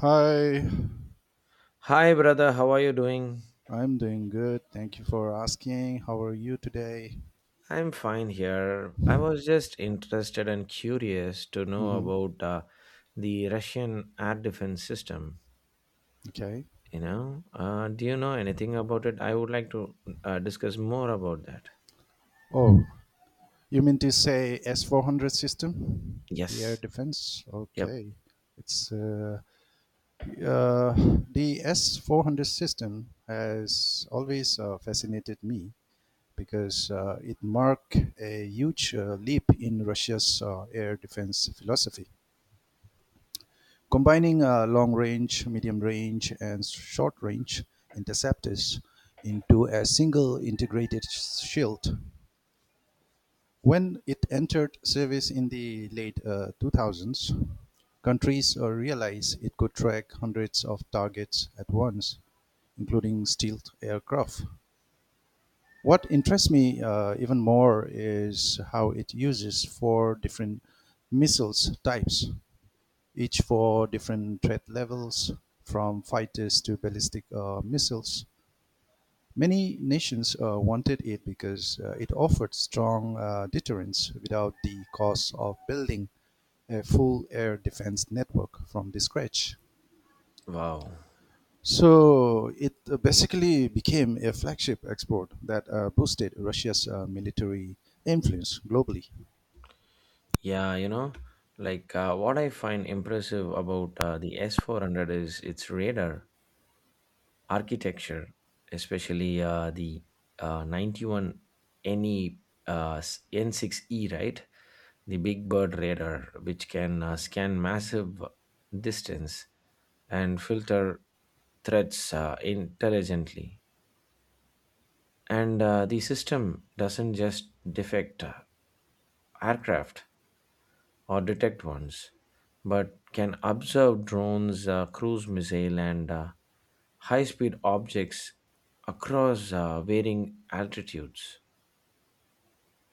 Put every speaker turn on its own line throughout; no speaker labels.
Hi,
Hi, brother. How are you doing?
I'm doing good. Thank you for asking. How are you today?
I'm fine here. I was just interested and curious to know
Hmm.
about the Russian air defense system.
Okay.
Do you know anything about it? I would like to discuss more about that.
Oh, you mean to say S400 system? The air
Yes.
defense?
Yep.
Okay. It's uh, the S400 system has always fascinated me because it marked a huge leap in Russia's air defense philosophy. Combining long range, medium range, and short range interceptors into a single integrated shield. When it entered service in the late 2000s, countries realized it could track hundreds of targets at once, including stealth aircraft. What interests me even more is how it uses four different missiles types each for different threat levels, from fighters to ballistic missiles. Many nations wanted it because it offered strong deterrence without the cost of building a full air defense network from the scratch.
Wow.
So it basically became a flagship export that boosted Russia's military influence globally.
Yeah, you know, what I find impressive about the S400 is its radar architecture, especially the 91 NE N6E, right? The Big Bird radar, which can scan massive distance and filter threats intelligently. And the system doesn't just defect aircraft or detect ones, but can observe drones, cruise missile, and high speed objects across varying altitudes.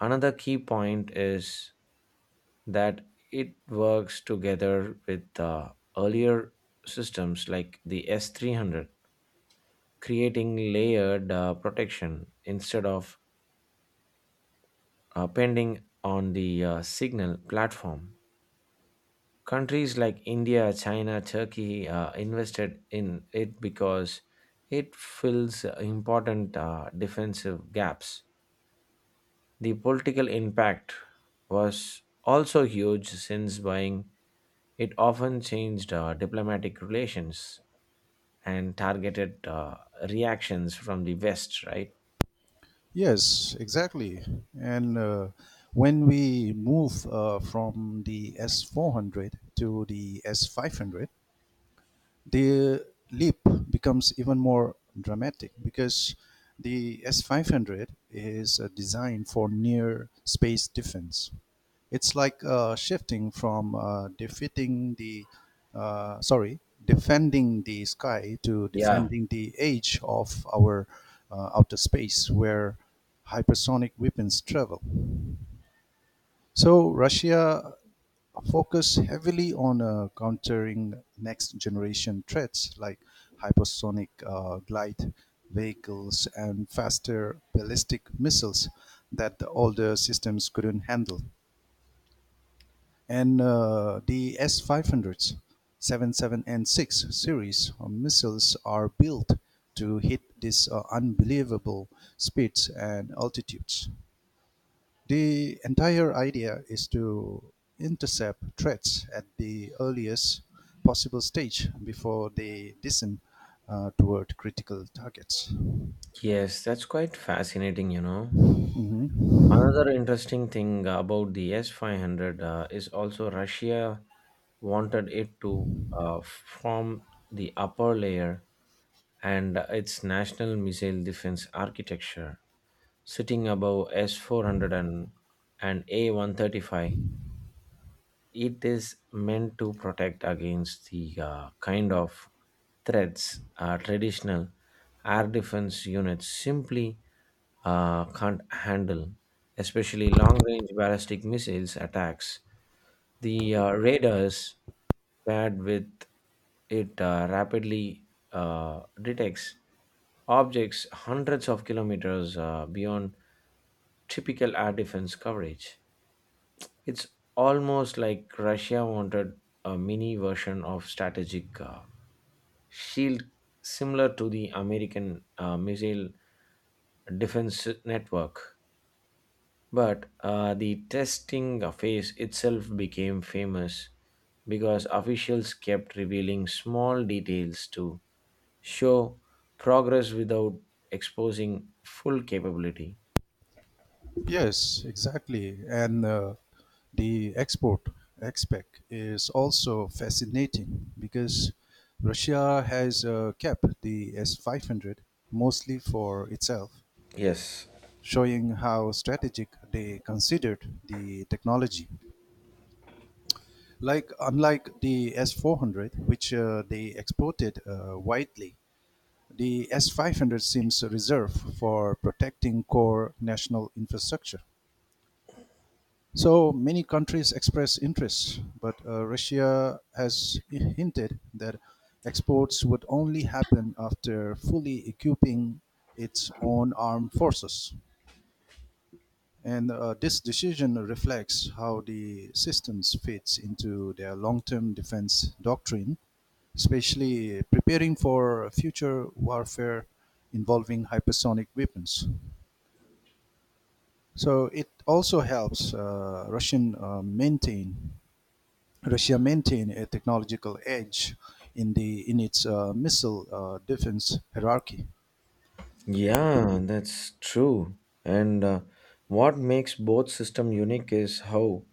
Another key point is that it works together with the earlier systems like the S300, creating layered protection instead of pending on the signal platform. Countries like India, China, Turkey invested in it because it fills important defensive gaps. The political impact was also huge since buying it often changed diplomatic relations and targeted reactions from the West, right?
Yes, exactly. And when we move from the S400 to the S500, the leap becomes even more dramatic because the S500 is designed for near space defense. It's like shifting from defeating the sorry defending the sky to
Yeah,
defending the edge of our outer space where hypersonic weapons travel. So Russia focus heavily on countering next generation threats like hypersonic glide vehicles and faster ballistic missiles that the older systems couldn't handle. And the S500s, 77 and 6 series of missiles are built to hit these unbelievable speeds and altitudes. The entire idea is to intercept threats at the earliest possible stage before they descend toward critical targets.
yes, that's quite fascinating, you know. Another interesting thing about the S 500 is also Russia wanted it to form the upper layer and its national missile defense architecture sitting above S400 and A135. It is meant to protect against the kind of threats traditional air defense units simply can't handle, especially long range ballistic missiles attacks. The radars paired with it rapidly detects objects hundreds of kilometers beyond typical air defense coverage. It's almost like Russia wanted a mini version of strategic shield similar to the American missile defense network. But the testing phase itself became famous because officials kept revealing small details to show progress without exposing full capability.
Yes, exactly. And the export aspect is also fascinating because Russia has kept the S500 mostly for itself,
Yes.
showing how strategic they considered the technology. Like unlike the S400, which they exported widely, the S500 seems reserved for protecting core national infrastructure. So many countries express interest, but Russia has hinted that exports would only happen after fully equipping its own armed forces. And this decision reflects how the systems fits into their long-term defense doctrine, especially preparing for future warfare involving hypersonic weapons. So it also helps Russia maintained a technological edge in its missile defense hierarchy.
Yeah, that's true. And what makes both system unique is how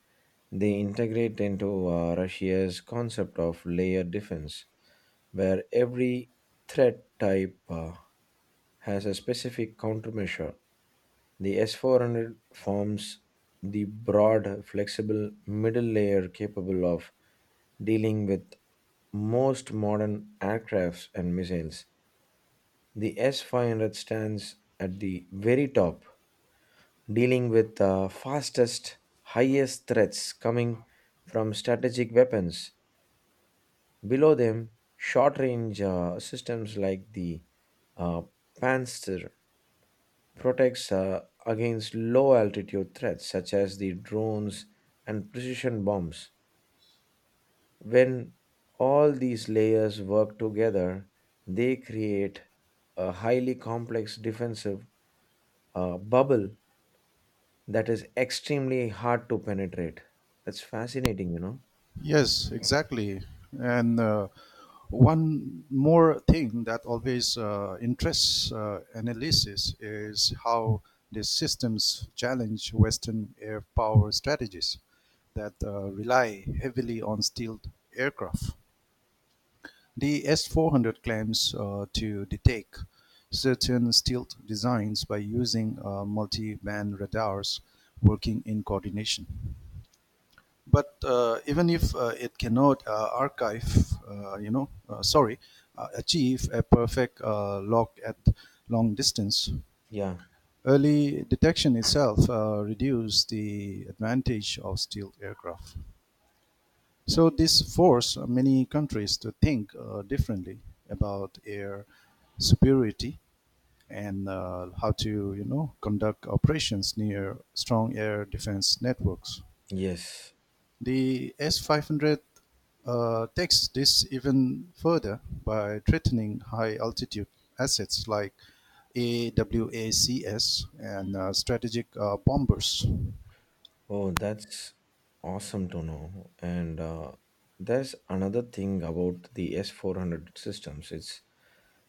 they integrate into Russia's concept of layer defense, where every threat type has a specific countermeasure. The S400 forms the broad, flexible middle layer capable of dealing with most modern aircrafts and missiles. The S500 stands at the very top, dealing with the fastest, highest threats coming from strategic weapons. Below them, short range systems like the uh, Panzer protects against low altitude threats such as the drones and precision bombs. When all these layers work together, they create a highly complex defensive bubble that is extremely hard to penetrate. That's fascinating, you know?
Yes, exactly. And one more thing that always interests analysis is how these systems challenge Western air power strategies that rely heavily on stealth aircraft. The S400 claims to detect certain stealth designs by using multi-band radars working in coordination. But even if it cannot archive, you know, sorry, achieve a perfect log at long distance,
Yeah,
early detection itself reduces the advantage of stealth aircraft. So this forced many countries to think differently about air superiority and how to, conduct operations near strong air defense networks.
yes.
The S-500 takes this even further by threatening high-altitude assets like AWACS and strategic bombers.
Oh, that's awesome to know. And there's another thing about the S400 systems. It's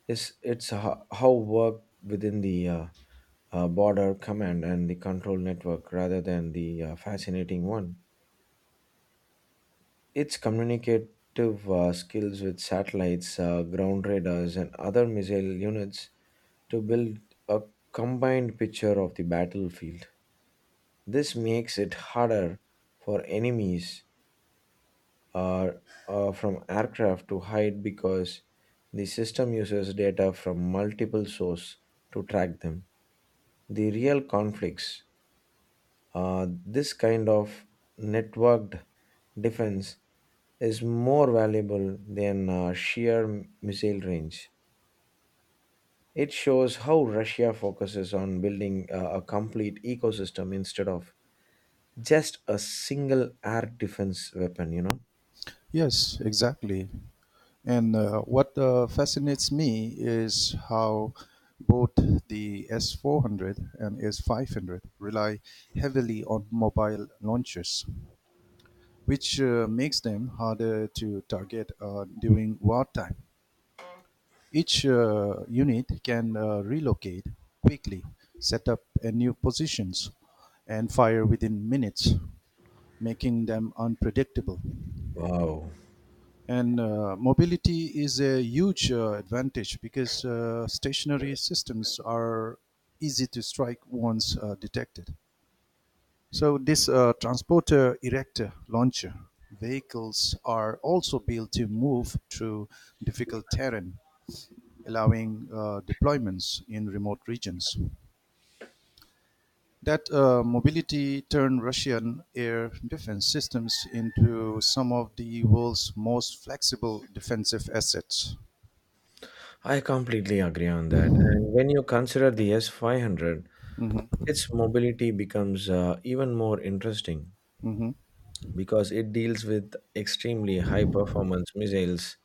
Is it's how work within the border command and the control network rather than the fascinating one. Its communicative skills with satellites, ground radars, and other missile units to build a combined picture of the battlefield. This makes it harder for enemies uh, from aircraft to hide because the system uses data from multiple sources to track them. The real conflicts, this kind of networked defense is more valuable than sheer missile range. It shows how Russia focuses on building a complete ecosystem instead of just a single air defense weapon, you know?
Yes, exactly. And what fascinates me is how both the S400 and S500 rely heavily on mobile launchers, which makes them harder to target during wartime. Each unit can relocate quickly, set up a new positions, and fire within minutes, making them unpredictable.
Wow.
And mobility is a huge advantage because stationary systems are easy to strike once detected. So, this transporter erector launcher vehicles are also built to move through difficult terrain, allowing deployments in remote regions. That mobility turned Russian air defense systems into some of the world's most flexible defensive assets.
I completely agree on that. And when you consider the S 500,
Mhm.
its mobility becomes even more interesting,
Mhm.
because it deals with extremely high performance missiles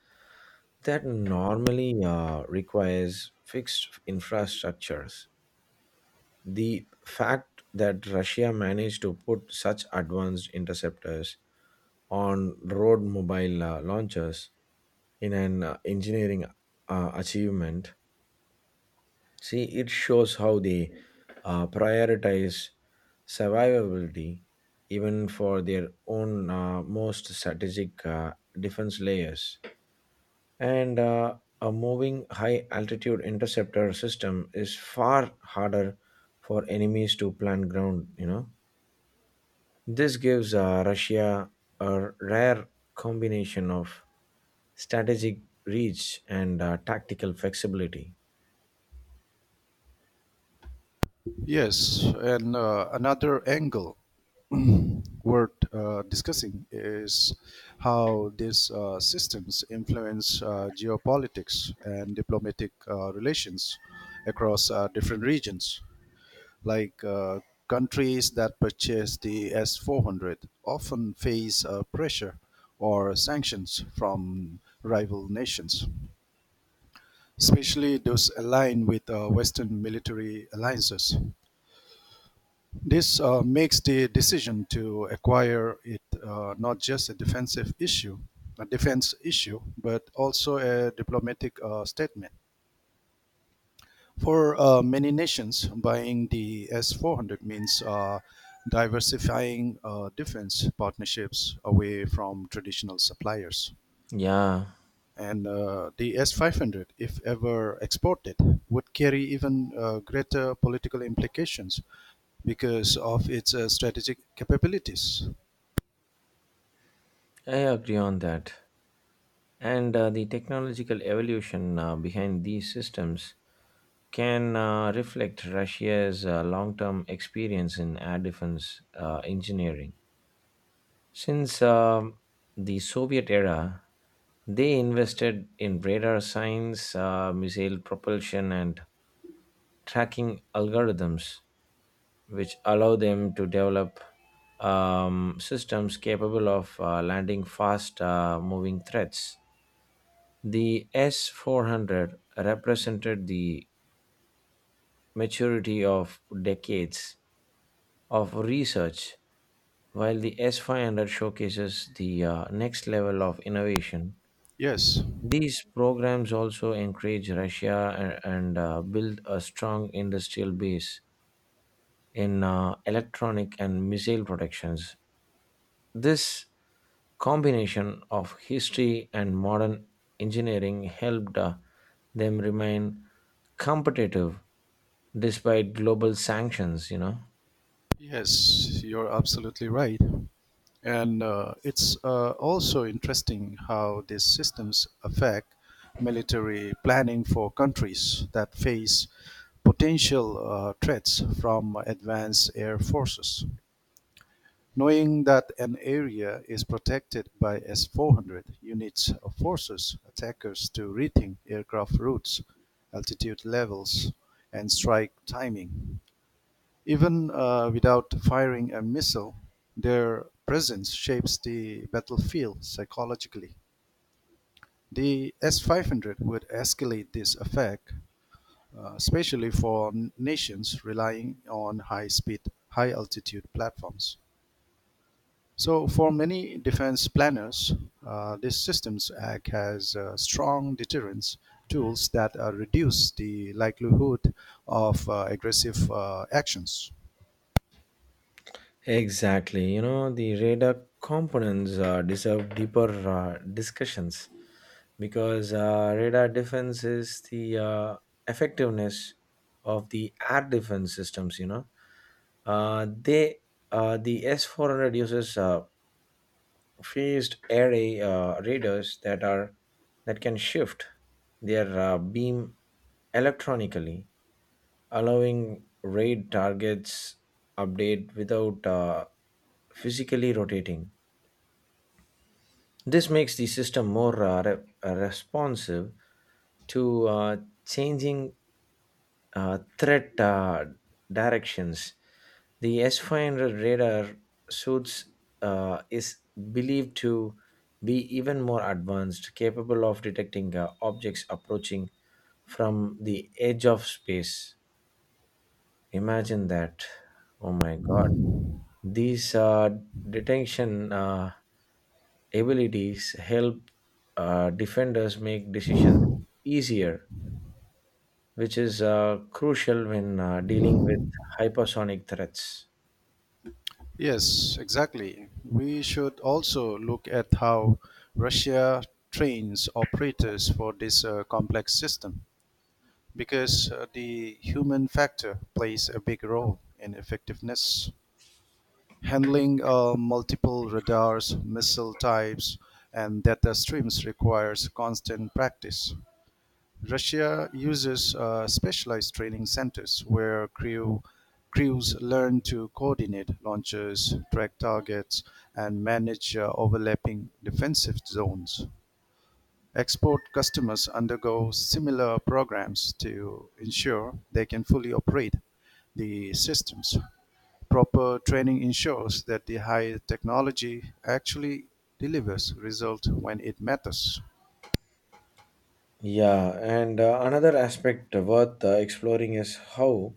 that normally requires fixed infrastructures. The fact that Russia managed to put such advanced interceptors on road mobile launchers in an engineering achievement. See, it shows how they prioritize survivability even for their own most strategic defense layers. And a moving high altitude interceptor system is far harder for enemies to plant ground, you know. This gives Russia a rare combination of strategic reach and tactical flexibility.
Yes, and another angle worth discussing is how these systems influence geopolitics and diplomatic relations across different regions. Like countries that purchase the S 400 often face pressure or sanctions from rival nations, especially those aligned with Western military alliances. This makes the decision to acquire it not just a defense issue, but also a diplomatic statement. For many nations, buying the S 400 means diversifying defense partnerships away from traditional suppliers.
Yeah,
And the S 500, if ever exported, would carry even greater political implications because of its strategic capabilities.
I agree on that. And the technological evolution behind these systems can reflect Russia's long term experience in air defense engineering. Since the Soviet era, they invested in radar science, missile propulsion, and tracking algorithms, which allow them to develop systems capable of landing fast moving threats. The S400 represented the maturity of decades of research, while the S500 showcases the next level of innovation.
Yes,
These programs also encourage Russia and build a strong industrial base in electronic and missile productions. This combination of history and modern engineering helped them remain competitive despite global sanctions, you know.
yes, you're absolutely right. And it's also interesting how these systems affect military planning for countries that face potential threats from advanced air forces. Knowing that an area is protected by S 400 units of forces, attackers to rethink aircraft routes, altitude levels, and strike timing. Even without firing a missile, their presence shapes the battlefield psychologically. The S 500 would escalate this effect, especially for nations relying on high speed, high altitude platforms. So, for many defense planners, this Systems Act has strong deterrence tools that reduce the likelihood of aggressive actions.
Exactly. You know, the radar components deserve deeper discussions because radar defense is the effectiveness of the air defense systems, you know. Uh, they the S400 uses phased array radars that are that can shift their beam electronically, allowing raid targets update without physically rotating. This makes the system more responsive to changing threat directions. The S500 radar suits is believed to be even more advanced, capable of detecting objects approaching from the edge of space. Imagine that. Oh my god. These detention abilities help defenders make decisions easier, which is crucial when dealing with hypersonic threats.
Yes, exactly. We should also look at how Russia trains operators for this complex system because the human factor plays a big role in effectiveness. Handling multiple radars, missile types, and data streams requires constant practice. Russia uses specialized training centers where crews learn to coordinate launches, track targets, and manage overlapping defensive zones. Export customers undergo similar programs to ensure they can fully operate the systems. Proper training ensures that the high technology actually delivers results when it matters.
Yeah, and another aspect worth exploring is how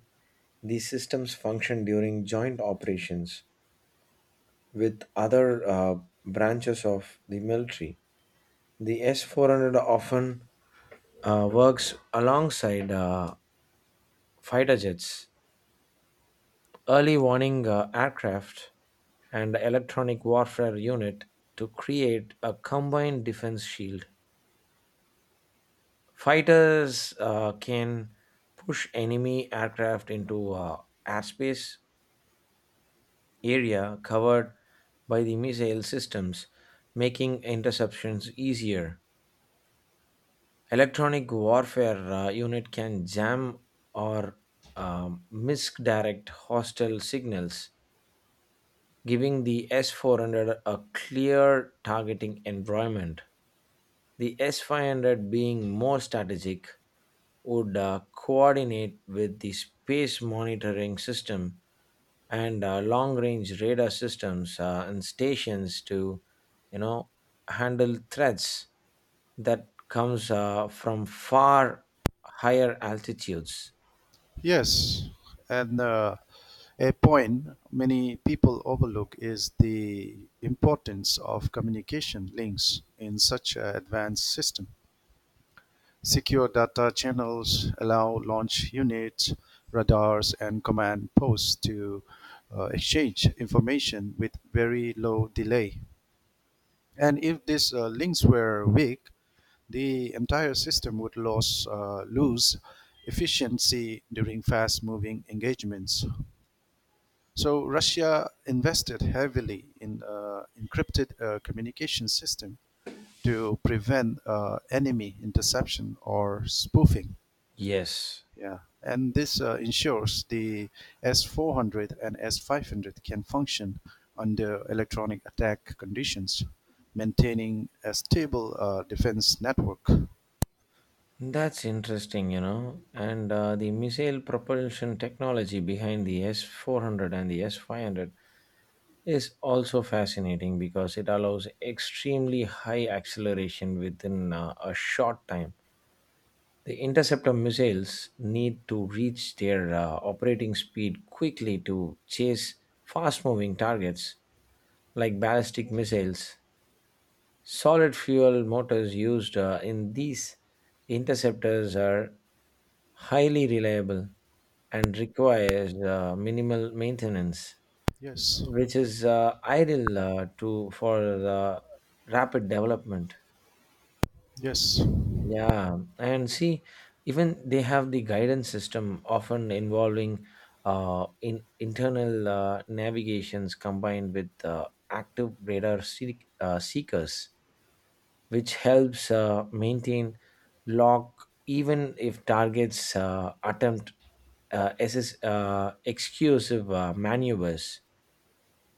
these systems function during joint operations with other branches of the military. The S 400 often works alongside fighter jets, early warning aircraft and electronic warfare unit to create a combined defense shield. Fighters can push enemy aircraft into airspace area covered by the missile systems, making interceptions easier. Electronic warfare unit can jam or misdirect hostile signals, giving the S400 a clear targeting environment. The S500, being more strategic, would coordinate with the space monitoring system and long range radar systems and stations to, you know, handle threats that comes from far higher altitudes.
Yes, and a point many people overlook is the importance of communication links in such an advanced system. Secure data channels allow launch units, radars, and command posts to exchange information with very low delay. And if these links were weak, the entire system would lose efficiency during fast moving engagements. So Russia invested heavily in encrypted communication system to prevent enemy interception or spoofing.
Yes.
Yeah, and this ensures the S400 and S500 can function under electronic attack conditions, maintaining a stable defense network.
That's interesting, you know. And the missile propulsion technology behind the S 400 and the S 500 is also fascinating because it allows extremely high acceleration within a short time. The interceptor missiles need to reach their operating speed quickly to chase fast moving targets like ballistic missiles. Solid fuel motors used in these interceptors are highly reliable and requires minimal maintenance,
Yes,
which is ideal to for the rapid development.
yes.
Yeah, and see, even they have the guidance system often involving in internal navigations combined with active radar seekers, which helps maintain lock even if targets attempt exclusive maneuvers.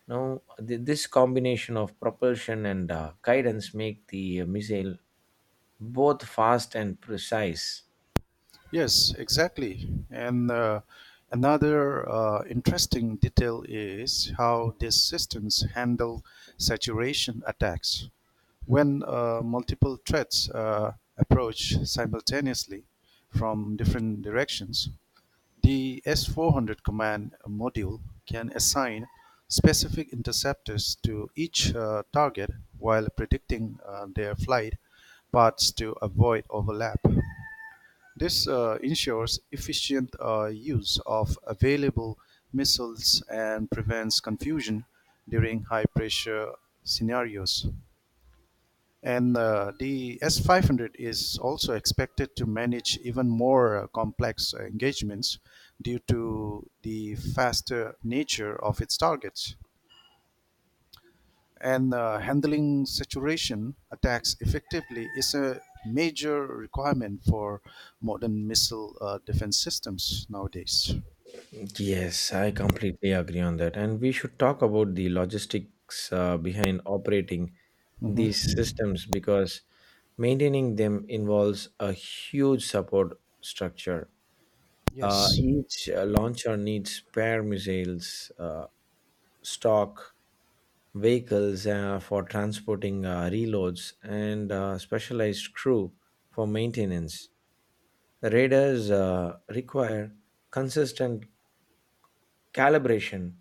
Now, this combination of propulsion and guidance make the missile both fast and precise.
Yes, exactly. And another interesting detail is how these systems handle saturation attacks. When multiple threats approach simultaneously from different directions, the S400 command module can assign specific interceptors to each target while predicting their flight paths to avoid overlap. This ensures efficient use of available missiles and prevents confusion during high pressure scenarios. And the S 500 is also expected to manage even more complex engagements due to the faster nature of its targets, and handling saturation attacks effectively is a major requirement for modern missile defense systems nowadays.
Yes, I completely agree on that. And we should talk about the logistics behind operating
Mhm.
these systems because maintaining them involves a huge support structure.
Yes,
Each launcher needs spare missiles, stock, vehicles for transporting reloads, and specialized crew for maintenance. Radars require consistent calibration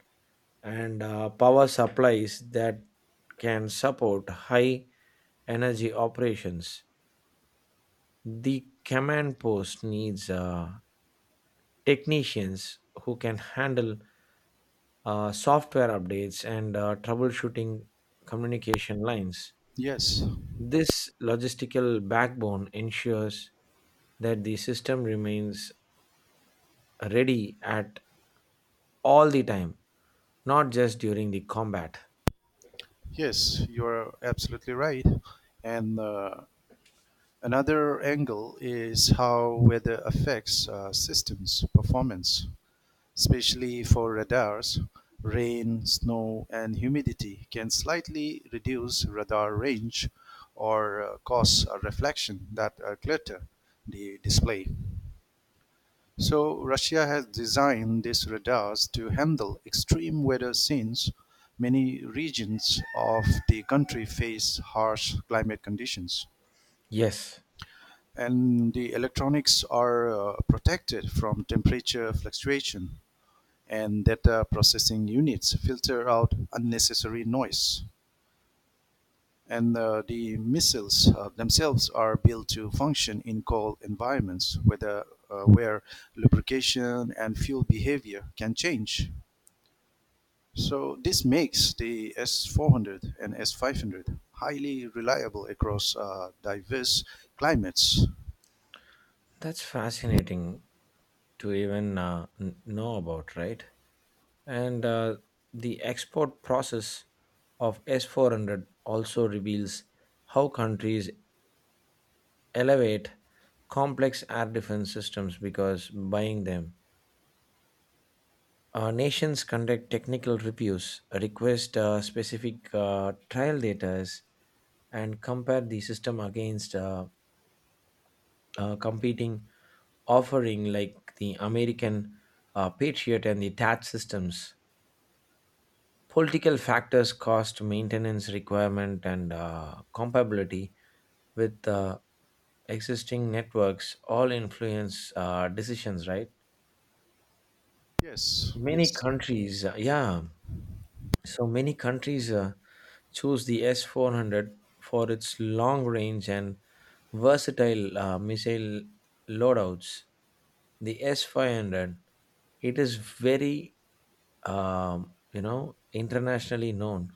and power supplies that can support high energy operations. The command post needs technicians who can handle software updates and troubleshooting communication lines.
yes,
This logistical backbone ensures that the system remains ready at all the time, not just during the combat.
yes, you're absolutely right. And another angle is how weather affects systems performance, especially for radars. Rain, snow, and humidity can slightly reduce radar range or cause a reflection that clutter the display. So Russia has designed these radars to handle extreme weather since many regions of the country face harsh climate conditions.
Yes,
And the electronics are protected from temperature fluctuation, and data processing units filter out unnecessary noise. And the missiles themselves are built to function in cold environments where lubrication and fuel behavior can change. So, this makes the S 400 and S 500 highly reliable across diverse climates.
that's fascinating to even know about, right? And the export process of S400 also reveals how countries elevate complex air defense systems because buying them. Nations conduct technical reviews, request specific trial data, and compare the system against competing offering like the American Patriot and the TAT systems. Political factors, cost, maintenance requirement, and compatibility with existing networks all influence decisions, right?
Yes,
Many
yes.
countries, uh, yeah, So many countries choose the S-400 for its long range and versatile missile loadouts. The S-500, it is very, internationally known.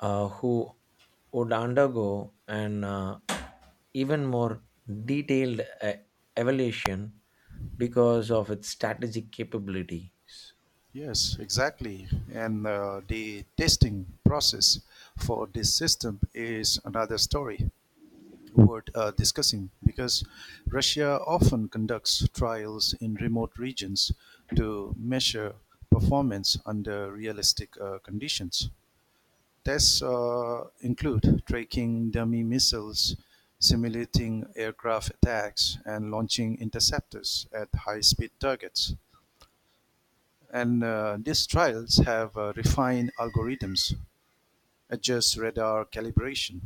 Who would undergo an even more detailed evaluation because of its strategic capabilities.
Yes, exactly. And the testing process for this system is another story worth discussing because Russia often conducts trials in remote regions to measure performance under realistic conditions. Tests include tracking dummy missiles, simulating aircraft attacks, and launching interceptors at high speed targets. And these trials have refined algorithms, adjust radar calibration,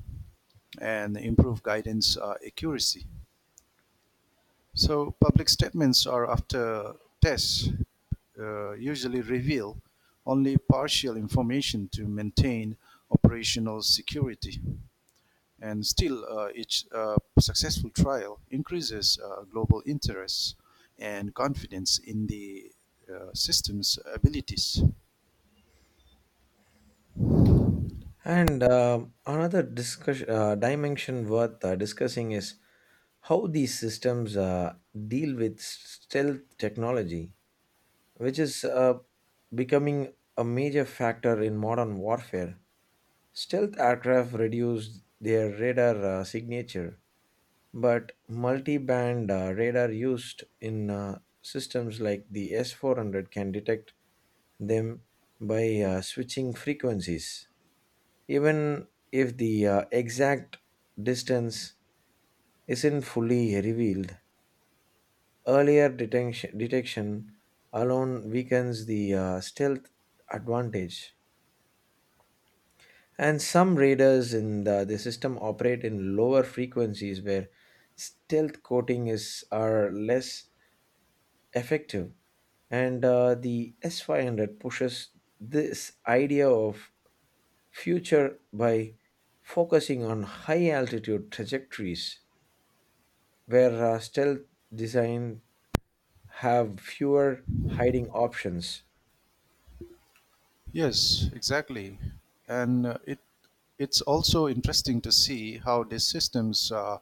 and improve guidance accuracy. So public statements are after tests usually reveal only partial information to maintain operational security. And still, each successful trial increases global interest and confidence in the system's abilities.
And another discussion dimension worth discussing is how these systems deal with stealth technology, which is becoming a major factor in modern warfare. Stealth aircraft reduced their radar signature, but multi band radar used in systems like the S 400 can detect them by switching frequencies. Even if the exact distance isn't fully revealed, earlier detection alone weakens the stealth advantage. And some radars in the system operate in lower frequencies where stealth coating is are less effective. And the S500 pushes this idea of future by focusing on high altitude trajectories, where stealth design have fewer hiding options.
Yes, exactly. And it's also interesting to see how these systems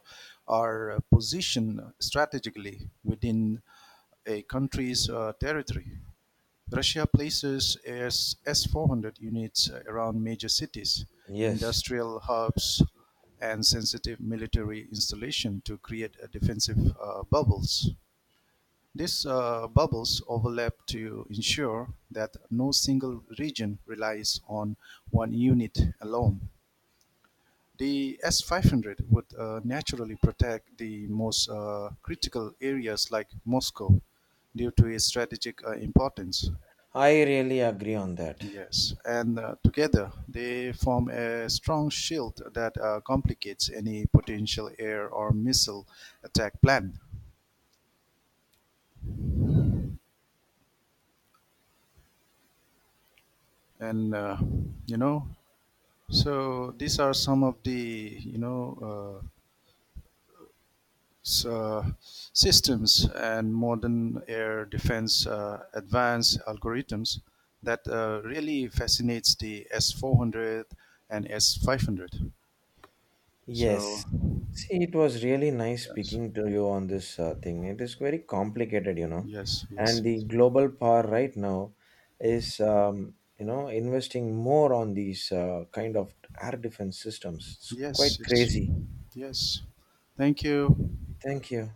are positioned strategically within a country's territory. Russia places S 400 units around major cities,
Yes,
industrial hubs, and sensitive military installation to create a defensive bubbles. These bubbles overlap to ensure that no single region relies on one unit alone. The S500 would naturally protect the most critical areas like Moscow due to its strategic importance.
I really agree on that.
Yes, and together they form a strong shield that complicates any potential air or missile attack plan. And uh, you know, So these are some of the systems and modern air defense advanced algorithms that really fascinates the S 400 and S 500. So
Yes. See, it was really nice
yes,
speaking to you on this thing. It is very complicated, you know.
yes, yes,
And the global power right now is, investing more on these kind of air defense systems. It's
yes,
quite
yes,
crazy.
yes. Thank you.
Thank you.